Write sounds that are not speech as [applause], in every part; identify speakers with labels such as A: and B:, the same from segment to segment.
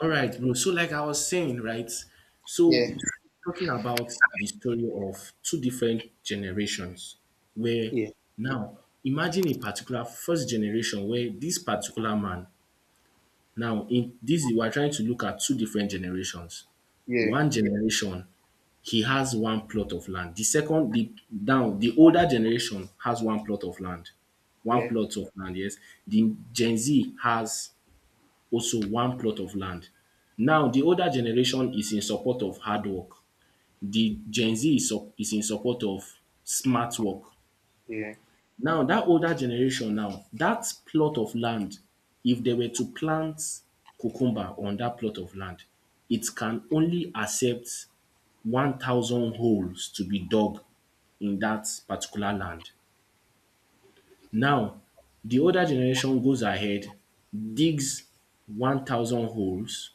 A: All right, bro. So, like I was saying, right?
B: Yeah,
A: So, talking about the story of two different generations, where
B: yeah,
A: now imagine a particular first generation where this particular man now in this we are trying to look at two different generations.
B: yeah,
A: One generation he has one plot of land. The second, the down the older generation has one plot of land, one
B: yeah,
A: plot of land. Yes, the Gen Z has also one plot of land. Now the older generation is in support of hard work. The Gen Z is is in support of smart work.
B: yeah,
A: Now that older generation now, that plot of land, if they were to plant cucumber on that plot of land, it can only accept 1,000 holes to be dug in that particular land. Now, the older generation goes ahead, digs 1,000 holes,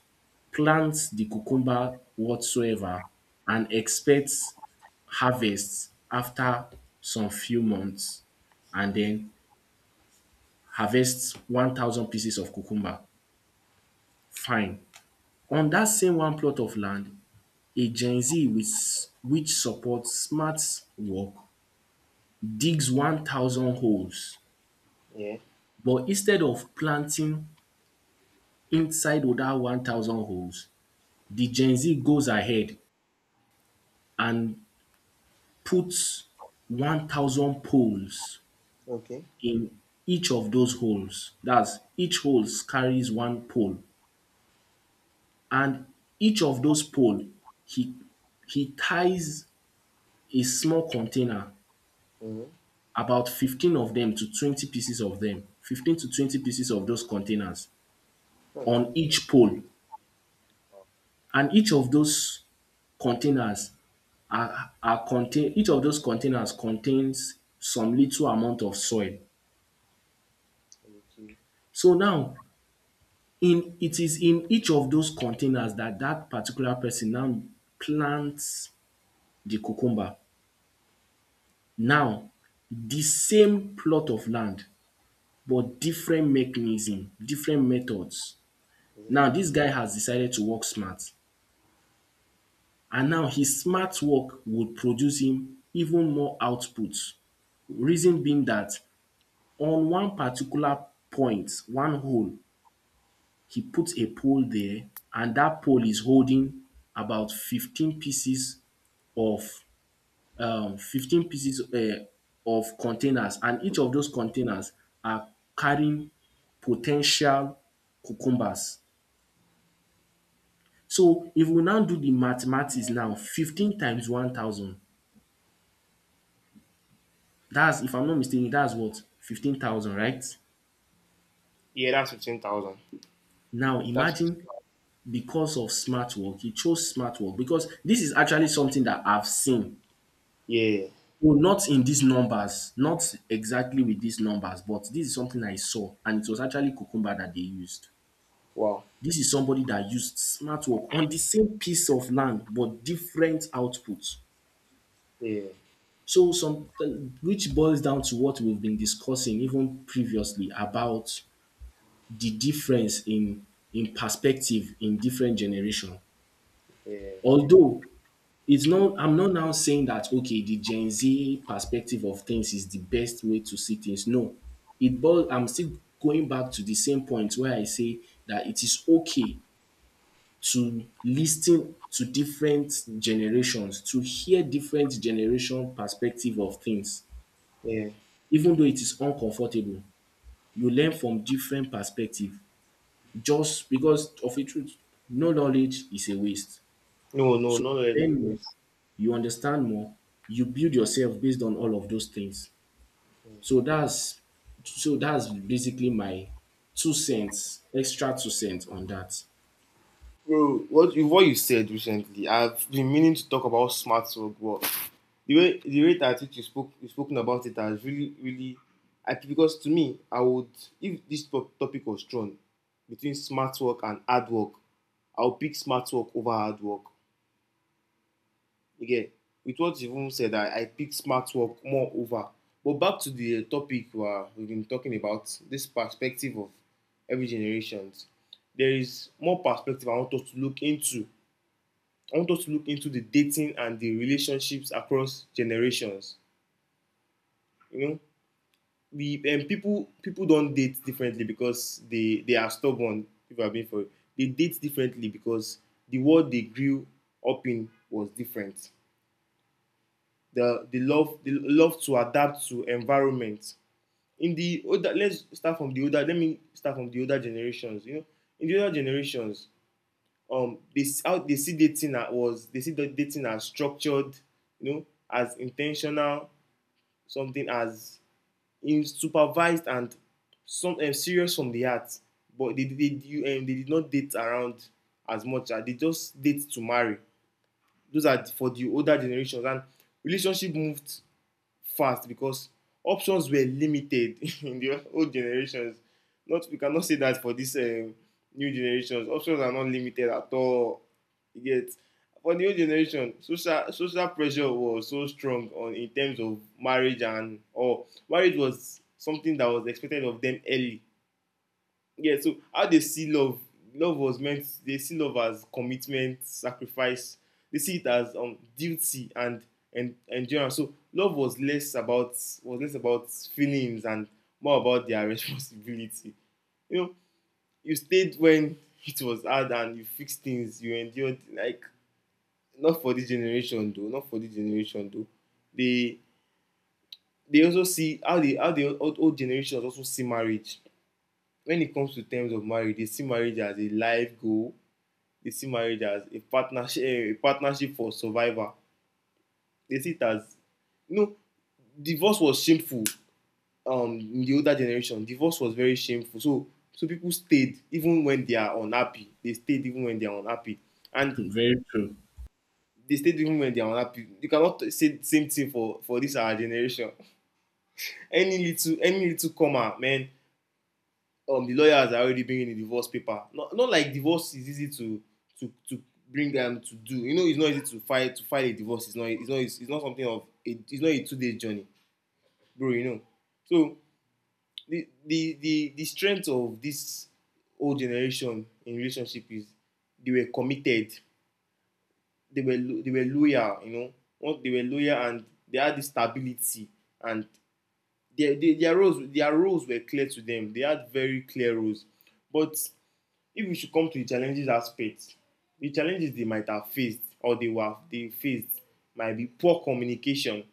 A: plants the cucumber whatsoever, and expects harvests after some few months, and then harvests 1,000 pieces of cucumber. Fine. On that same one plot of land, a Gen Z with which supports smart work digs 1,000 holes,
B: yeah.
A: but instead of planting inside with that 1,000 holes, the Gen Z goes ahead and puts 1,000 poles
B: Okay.
A: in each of those holes. That's each hole carries one pole. And each of those pole, he he ties a small container,
B: Mm-hmm.
A: about 15 of them to 20 pieces of them, 15 to 20 pieces of those containers
B: Huh.
A: on each pole.
B: Wow.
A: And each of those containers are contain each of those containers contains some little amount of soil.
B: Okay.
A: So now in it is in each of those containers that that particular person now plants the cucumber. Now the same plot of land but different mechanism, different methods.
B: Yeah.
A: Now this guy has decided to work smart. And now his smart work would produce him even more outputs. Reason being that on one particular point, one hole, he puts a pole there and that pole is holding about of 15 pieces of containers and each of those containers are carrying potential cucumbers. So if we now do the mathematics now, 15 times 1,000. That's if I'm not mistaken, that's what 15,000, right?
B: Yeah, that's 15,000.
A: Now
B: That's
A: imagine
B: 15,000.
A: because of smart work, he chose smart work because this is actually something that I've seen.
B: Yeah.
A: Well, not in these numbers, not exactly with these numbers, but this is something I saw, and it was actually Kukumba that they used.
B: Wow.
A: This is somebody that used smart work on the same piece of land, but different outputs.
B: Yeah,
A: So some which boils down to what we've been discussing even previously about the difference in perspective in different generation.
B: yeah,
A: Although it's not I'm not now saying that okay the Gen Z perspective of things is the best way to see things. No. It boils I'm still going back to the same point where I say that it is okay to listen to different generations, to hear different generation perspective of things
B: yeah.
A: even though it is uncomfortable. You learn from different perspective just because of a truth. No knowledge is a waste.
B: No, no,
A: So
B: no, no.
A: you learn more, you understand more, you build yourself based on all of those things. So that's so that's basically my two cents, extra two cents on that.
B: Bro, what you said recently? I've been meaning to talk about smart work, the rate at which you spoken about it has really because to me I would, if this topic was thrown between smart work and hard work, I'll pick smart work over hard work. Again, with what you've even said, I pick smart work more over. But back to the topic, where we've been talking about this perspective of every generations, there is more perspective I want us to look into I want us to look into. The dating and the relationships across generations. You know, we people don't date differently because they are stubborn. If I've been for it. They date differently because the world they grew up in was different. The love to adapt to environment. Let's start from the older. Let me start from the older generations. You know, in the older generations, they see the dating as structured. You know, as intentional, something as is supervised and some serious from the heart. But they they did not date around as much as they just date to marry. Those are for the older generations. And relationship moved fast because options were limited [laughs] in the old generations. Not, we cannot say that for this new generations. Options are not limited at all. You get, for the old generation, social pressure was so strong on, in terms of marriage, and or marriage was something that was expected of them early. Yeah, so how they see love. Love was meant They see love as commitment, sacrifice. They see it as duty and endurance. So love was less about, feelings, and more about their [laughs] responsibility. You know, you stayed when [laughs] it was hard and you fixed things, you endured, like. Not for this generation though not for this generation though they they also see how the old generations also see marriage. When it comes to terms of marriage, they see marriage as a life goal. They see marriage as a partnership, a partnership for survival. They see it as, you know, divorce was shameful. In the older generation divorce was very shameful. So people stayed even when they are unhappy, they stayed even when they are unhappy,
A: [laughs]
B: and
A: Very true.
B: they stayed even when they are unhappy. You cannot say the same thing for this our generation. Any little comma, man, the lawyers are already bringing the divorce paper. Not like divorce is easy to bring them to do. You know, it's not easy to file a divorce. It's not, it's not a 2-day journey, bro. You know, so the strength of this old generation in relationship is, they were committed, they were loyal. You know, once they were loyal, and they had this stability, and their roles were clear to them. They had very clear roles. But if we should come to the challenges aspect, the challenges they might have faced, or they faced, might be poor communication.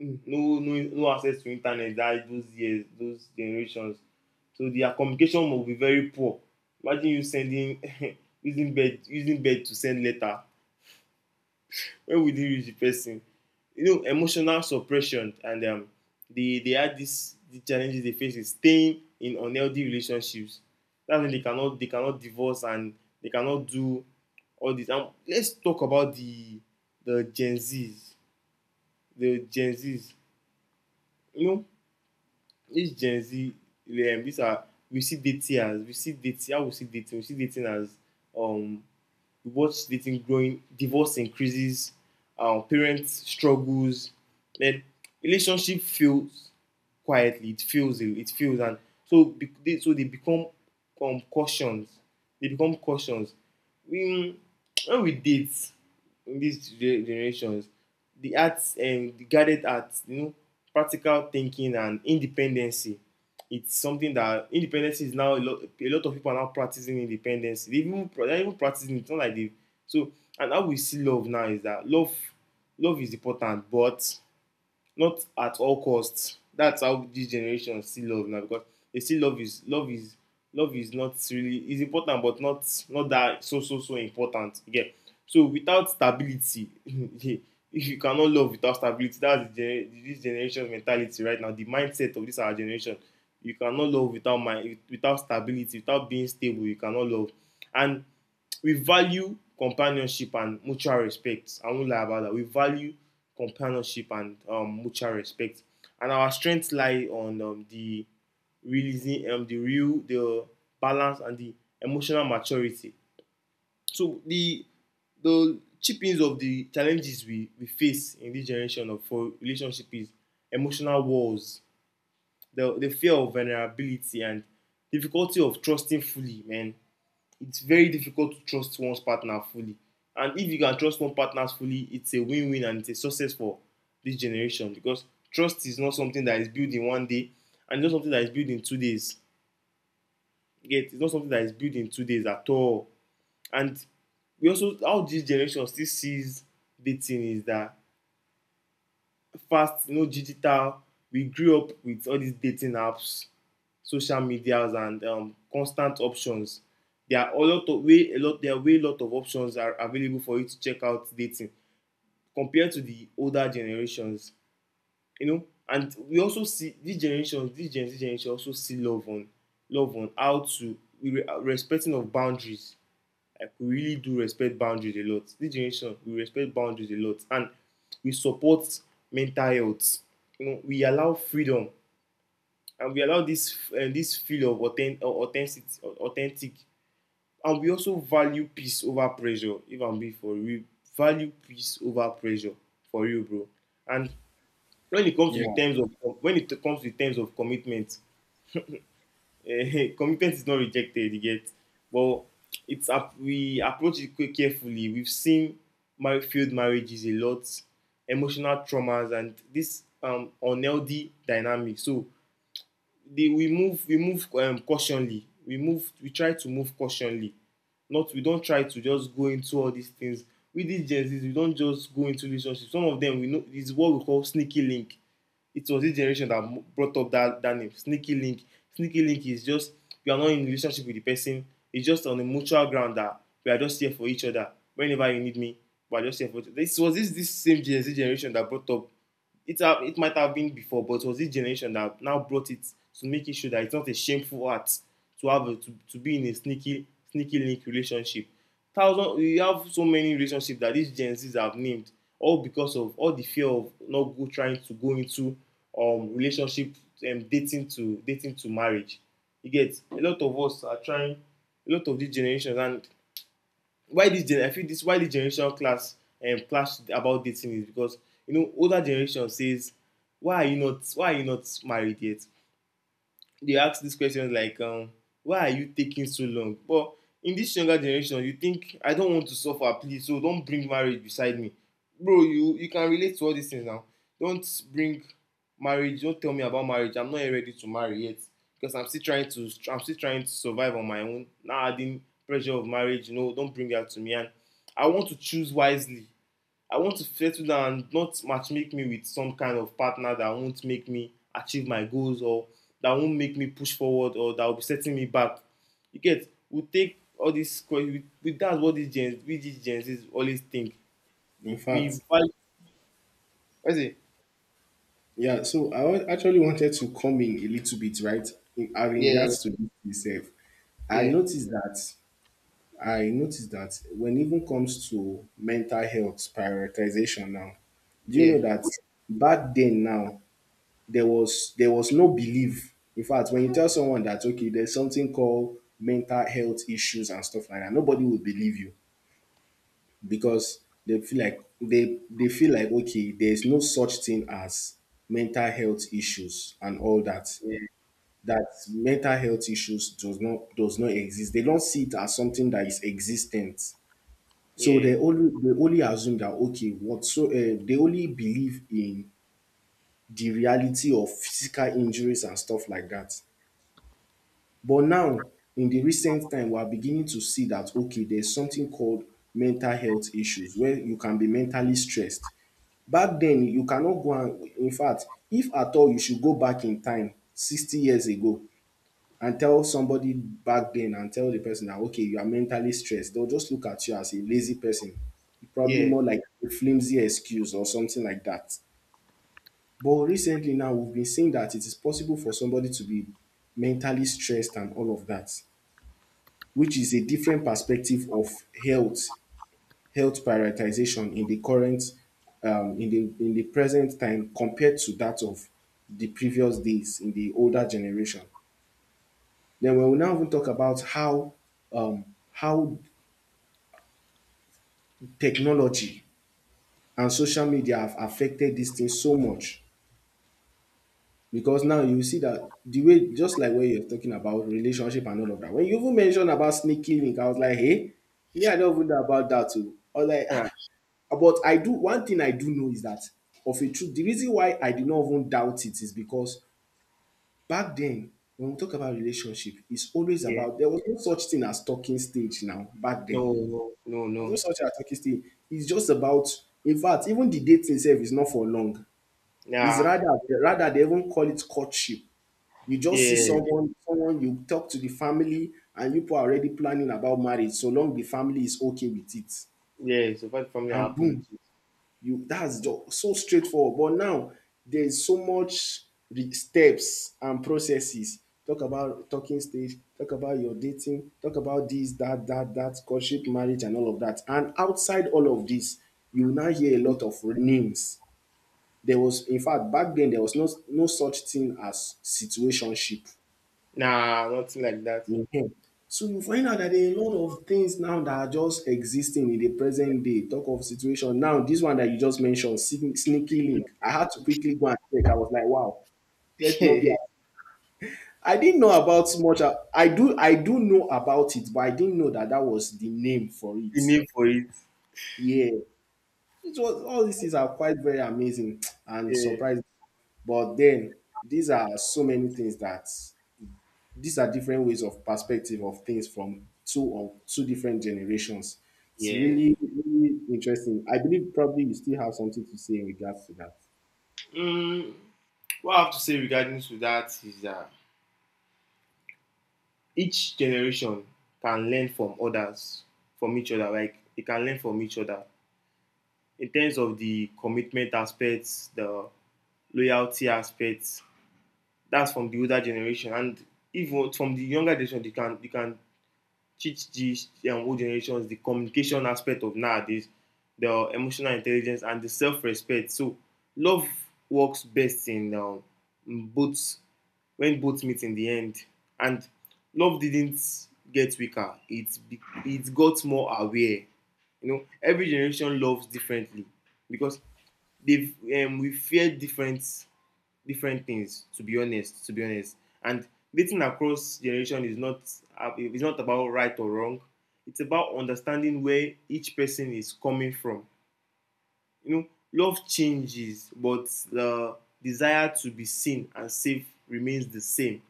B: Mm. No access to internet, that those years, those generations. So their communication must be very poor. Imagine you sending [laughs] using bird to send letter. When will it reach the person? You know, emotional suppression, and they had this, the challenges they face is staying in unhealthy relationships. That's when they cannot divorce, and they cannot do all this. And let's talk about the gen z's the Gen Z's. You know, this Gen Z, um, these are, we see dating as we see dating how we see dating as um What dating, growing, divorce increases, parents struggles. Then relationship fails quietly. It fails. It fails. And so they become, cautions. They become cautions. We, when we date in these generations, the arts, and the guided arts, you know, practical thinking and independency. It's something that independence is now a lot. A lot of people are now practicing independence. They're even practicing it. It's not like they. So, and how we see love now is that, love is important, but not at all costs. That's how this generation see love now, because they see love is not really is important, but not that so important again. So without stability. [laughs] If you cannot love without stability, that's the gener this generation mentality right now, the mindset of this our generation. You cannot love without mind, without stability, without being stable, you cannot love. And we value companionship and mutual respect. I won't lie about that. We value companionship and mutual respect. And our strengths lie on, the realizing, the balance and the emotional maturity. So the chippings of the challenges we face in this generation of for relationship is emotional walls, the fear of vulnerability, and difficulty of trusting fully, man. It's very difficult to trust one's partner fully. And if you can trust one partner fully, it's a win-win and it's a success for this generation, because trust is not something that is built in one day, and it's not something that is built in 2 days. Yet it's not something that is built in 2 days at all. And we also how this generation still sees dating is that, fast, no, digital. We grew up with all these dating apps, social medias, and constant options. There are a lot of way a lot there are way lot of options are available for you to check out dating, compared to the older generations. You know, and we also see this generation, this Gen Z generation, also see love on, how to we respecting of boundaries. Like, we really do respect boundaries a lot. This generation, we respect boundaries a lot, and we support mental health. You know, we allow freedom, and we allow this this feel of authentic. And we also value peace over pressure. If I'm being for real, value peace over pressure, for real, bro. And when it comes to the
A: Yeah,
B: terms of when it comes to the terms of commitment, [laughs] commitment is not rejected yet, but it's up we approach it carefully. We've seen failed marriages a lot, emotional traumas, and this unhealthy dynamic. So the we move, cautionly, we try to move cautionly. Not We don try to just go into all these things. With these Gen Z's, we don just go into relationships. Some of them we know is what we call sneaky link. It was this generation that brought up that name, sneaky link. Sneaky link is just, you are not in a relationship with the person. It's just on a mutual ground that we are just here for each other whenever you need me. We are just here for each other. This was this this same Gen Z generation that brought up, it might have been before, but it was this generation that now brought it, to make it sure that it's not a shameful act to be in a sneaky link relationship. Thousand You have so many relationships that these Gen Zs have named, all because of all the fear of not go trying to go into relationship, and dating to marriage. You get, a lot of us are trying a lot of these generations. And why this I feel, this why this generation class clash about dating is because, you know, older generation says, why are you not married yet. They ask these questions like, why are you taking so long. But in this younger generation, you think, I don't want to suffer, please, so don't bring marriage beside me. Bro, you can relate to all these things now. don't bring don't tell me about marriage. I'm not yet ready to marry yet, because I'm still trying to survive on my own. Now adding pressure of marriage, you know, don't bring that to me. And I want to choose wisely. I want to settle down, and not matchmake me with some kind of partner that won't make me achieve my goals, or that won't make me push forward, or that will be setting me back. You get, we take all these questions, that's what these gens, we these gens always think.
A: in
B: We
A: fact,
B: value, what's it?
A: yeah. So I actually wanted to come in a little bit, right? In
B: Yeah, yeah,
A: regards to this itself, I
B: yeah,
A: noticed that I noticed that when even comes to mental health prioritization now, do you
B: yeah,
A: know that back then now there was no belief. In fact, when you tell someone that okay, there's something called mental health issues and stuff like that, nobody will believe you because they feel like okay, there's no such thing as mental health issues and all that. That mental health issues does not exist. They don't see it as something that is existent so
B: yeah,
A: they only assume that okay, what so they only believe in the reality of physical injuries and stuff like that. But now in the recent time, we are beginning to see that okay, there's something called mental health issues where you can be mentally stressed. Back then, you cannot go and in fact, if at all, you should go back in time 60 years ago and tell somebody back then and tell the person that okay, you are mentally stressed. They'll just look at you as a lazy person, probably
B: yeah,
A: more like a flimsy excuse or something like that. But recently now we've been seeing that it is possible for somebody to be mentally stressed and all of that, which is a different perspective of health health prioritization in the current, in the present time compared to that of the previous days in the older generation. Then we will now even talk about um, how technology and social media have affected this thing so much. Because now you see that the way, just like when you're talking about relationship and all of that, when you even mentioned about sneaky link, I was like, hey, me, I don't even know about that too. I was like,
B: yeah,
A: ah. But I do, one thing I do know is that of a truth, the reason why I did not even doubt it is because back then, when we talk about relationship, it's always
B: yeah.
A: about, there was no such thing as talking stage now, back
B: No,
A: then.
B: no, no,
A: There's no
B: no.
A: such a as stay. It's just about, in fact, even the dating itself is not for long. It's
B: Nah,
A: rather they even call it courtship. You just see
B: yeah,
A: someone, someone you talk to the family, and you people are already planning about marriage. So long the family is okay with it,
B: yeah. So far, family are
A: and
B: happy
A: boom,
B: with it.
A: you that's just so straightforward. But now there's so much steps and processes. Talk about talking stage, talk about your dating, talk about this that courtship, marriage, and all of that, and outside all of this you will now hear a lot of names. There was, in fact, back then there was no such thing as situationship.
B: Nah, nothing like that.
A: Mhm. So you find out that a lot of things now that are just existing in the present day, talk of situation. Now, this one that you just mentioned, sneaky link. I had to quickly go and check. I was like, wow,
B: [laughs]
A: let's not be.
B: The
A: I didn't know about much. I do know about it, but I didn't know that that was the name for it.
B: name for it.
A: Yeah, it was. All these things are quite very amazing [tsk] and
B: Yeah.
A: surprising. But then these are so many things that these are different ways of perspective of things from two or two different generations. It's
B: Yeah.
A: really, really interesting. I believe probably you still have something to say in regards to that.
B: Mm, what I have to say regarding to that is that, each generation can learn from others, from each other. Like, they can learn from each other in terms of the commitment aspects, the loyalty aspects. That's from the older generation. And even from the younger generation, they can teach the, old generations, the communication aspect of nowadays, the emotional intelligence, and the self-respect. So love works best in, both, when both meet in the end. And love didn't get weaker, it got more aware. You know, every generation loves differently because they've we fear different things, to be honest. And dating across generation is not about right or wrong. It's about understanding where each person is coming from. You know, love changes, but the desire to be seen and safe remains the same.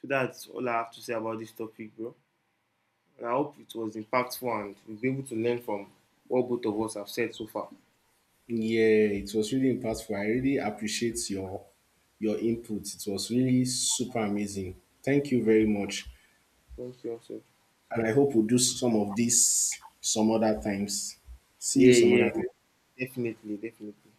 B: So that's all I have to say about this topic, bro, and I hope it was impactful, and we will be able to learn from what both of us have said so far.
A: Yeah, it was really impactful. I really appreciate your input. It was really super amazing. Thank you very much.
B: Thank you also.
A: And I hope we'll do some of this some other times. See you
B: Yeah,
A: some
B: yeah.
A: other time.
B: Definitely, definitely.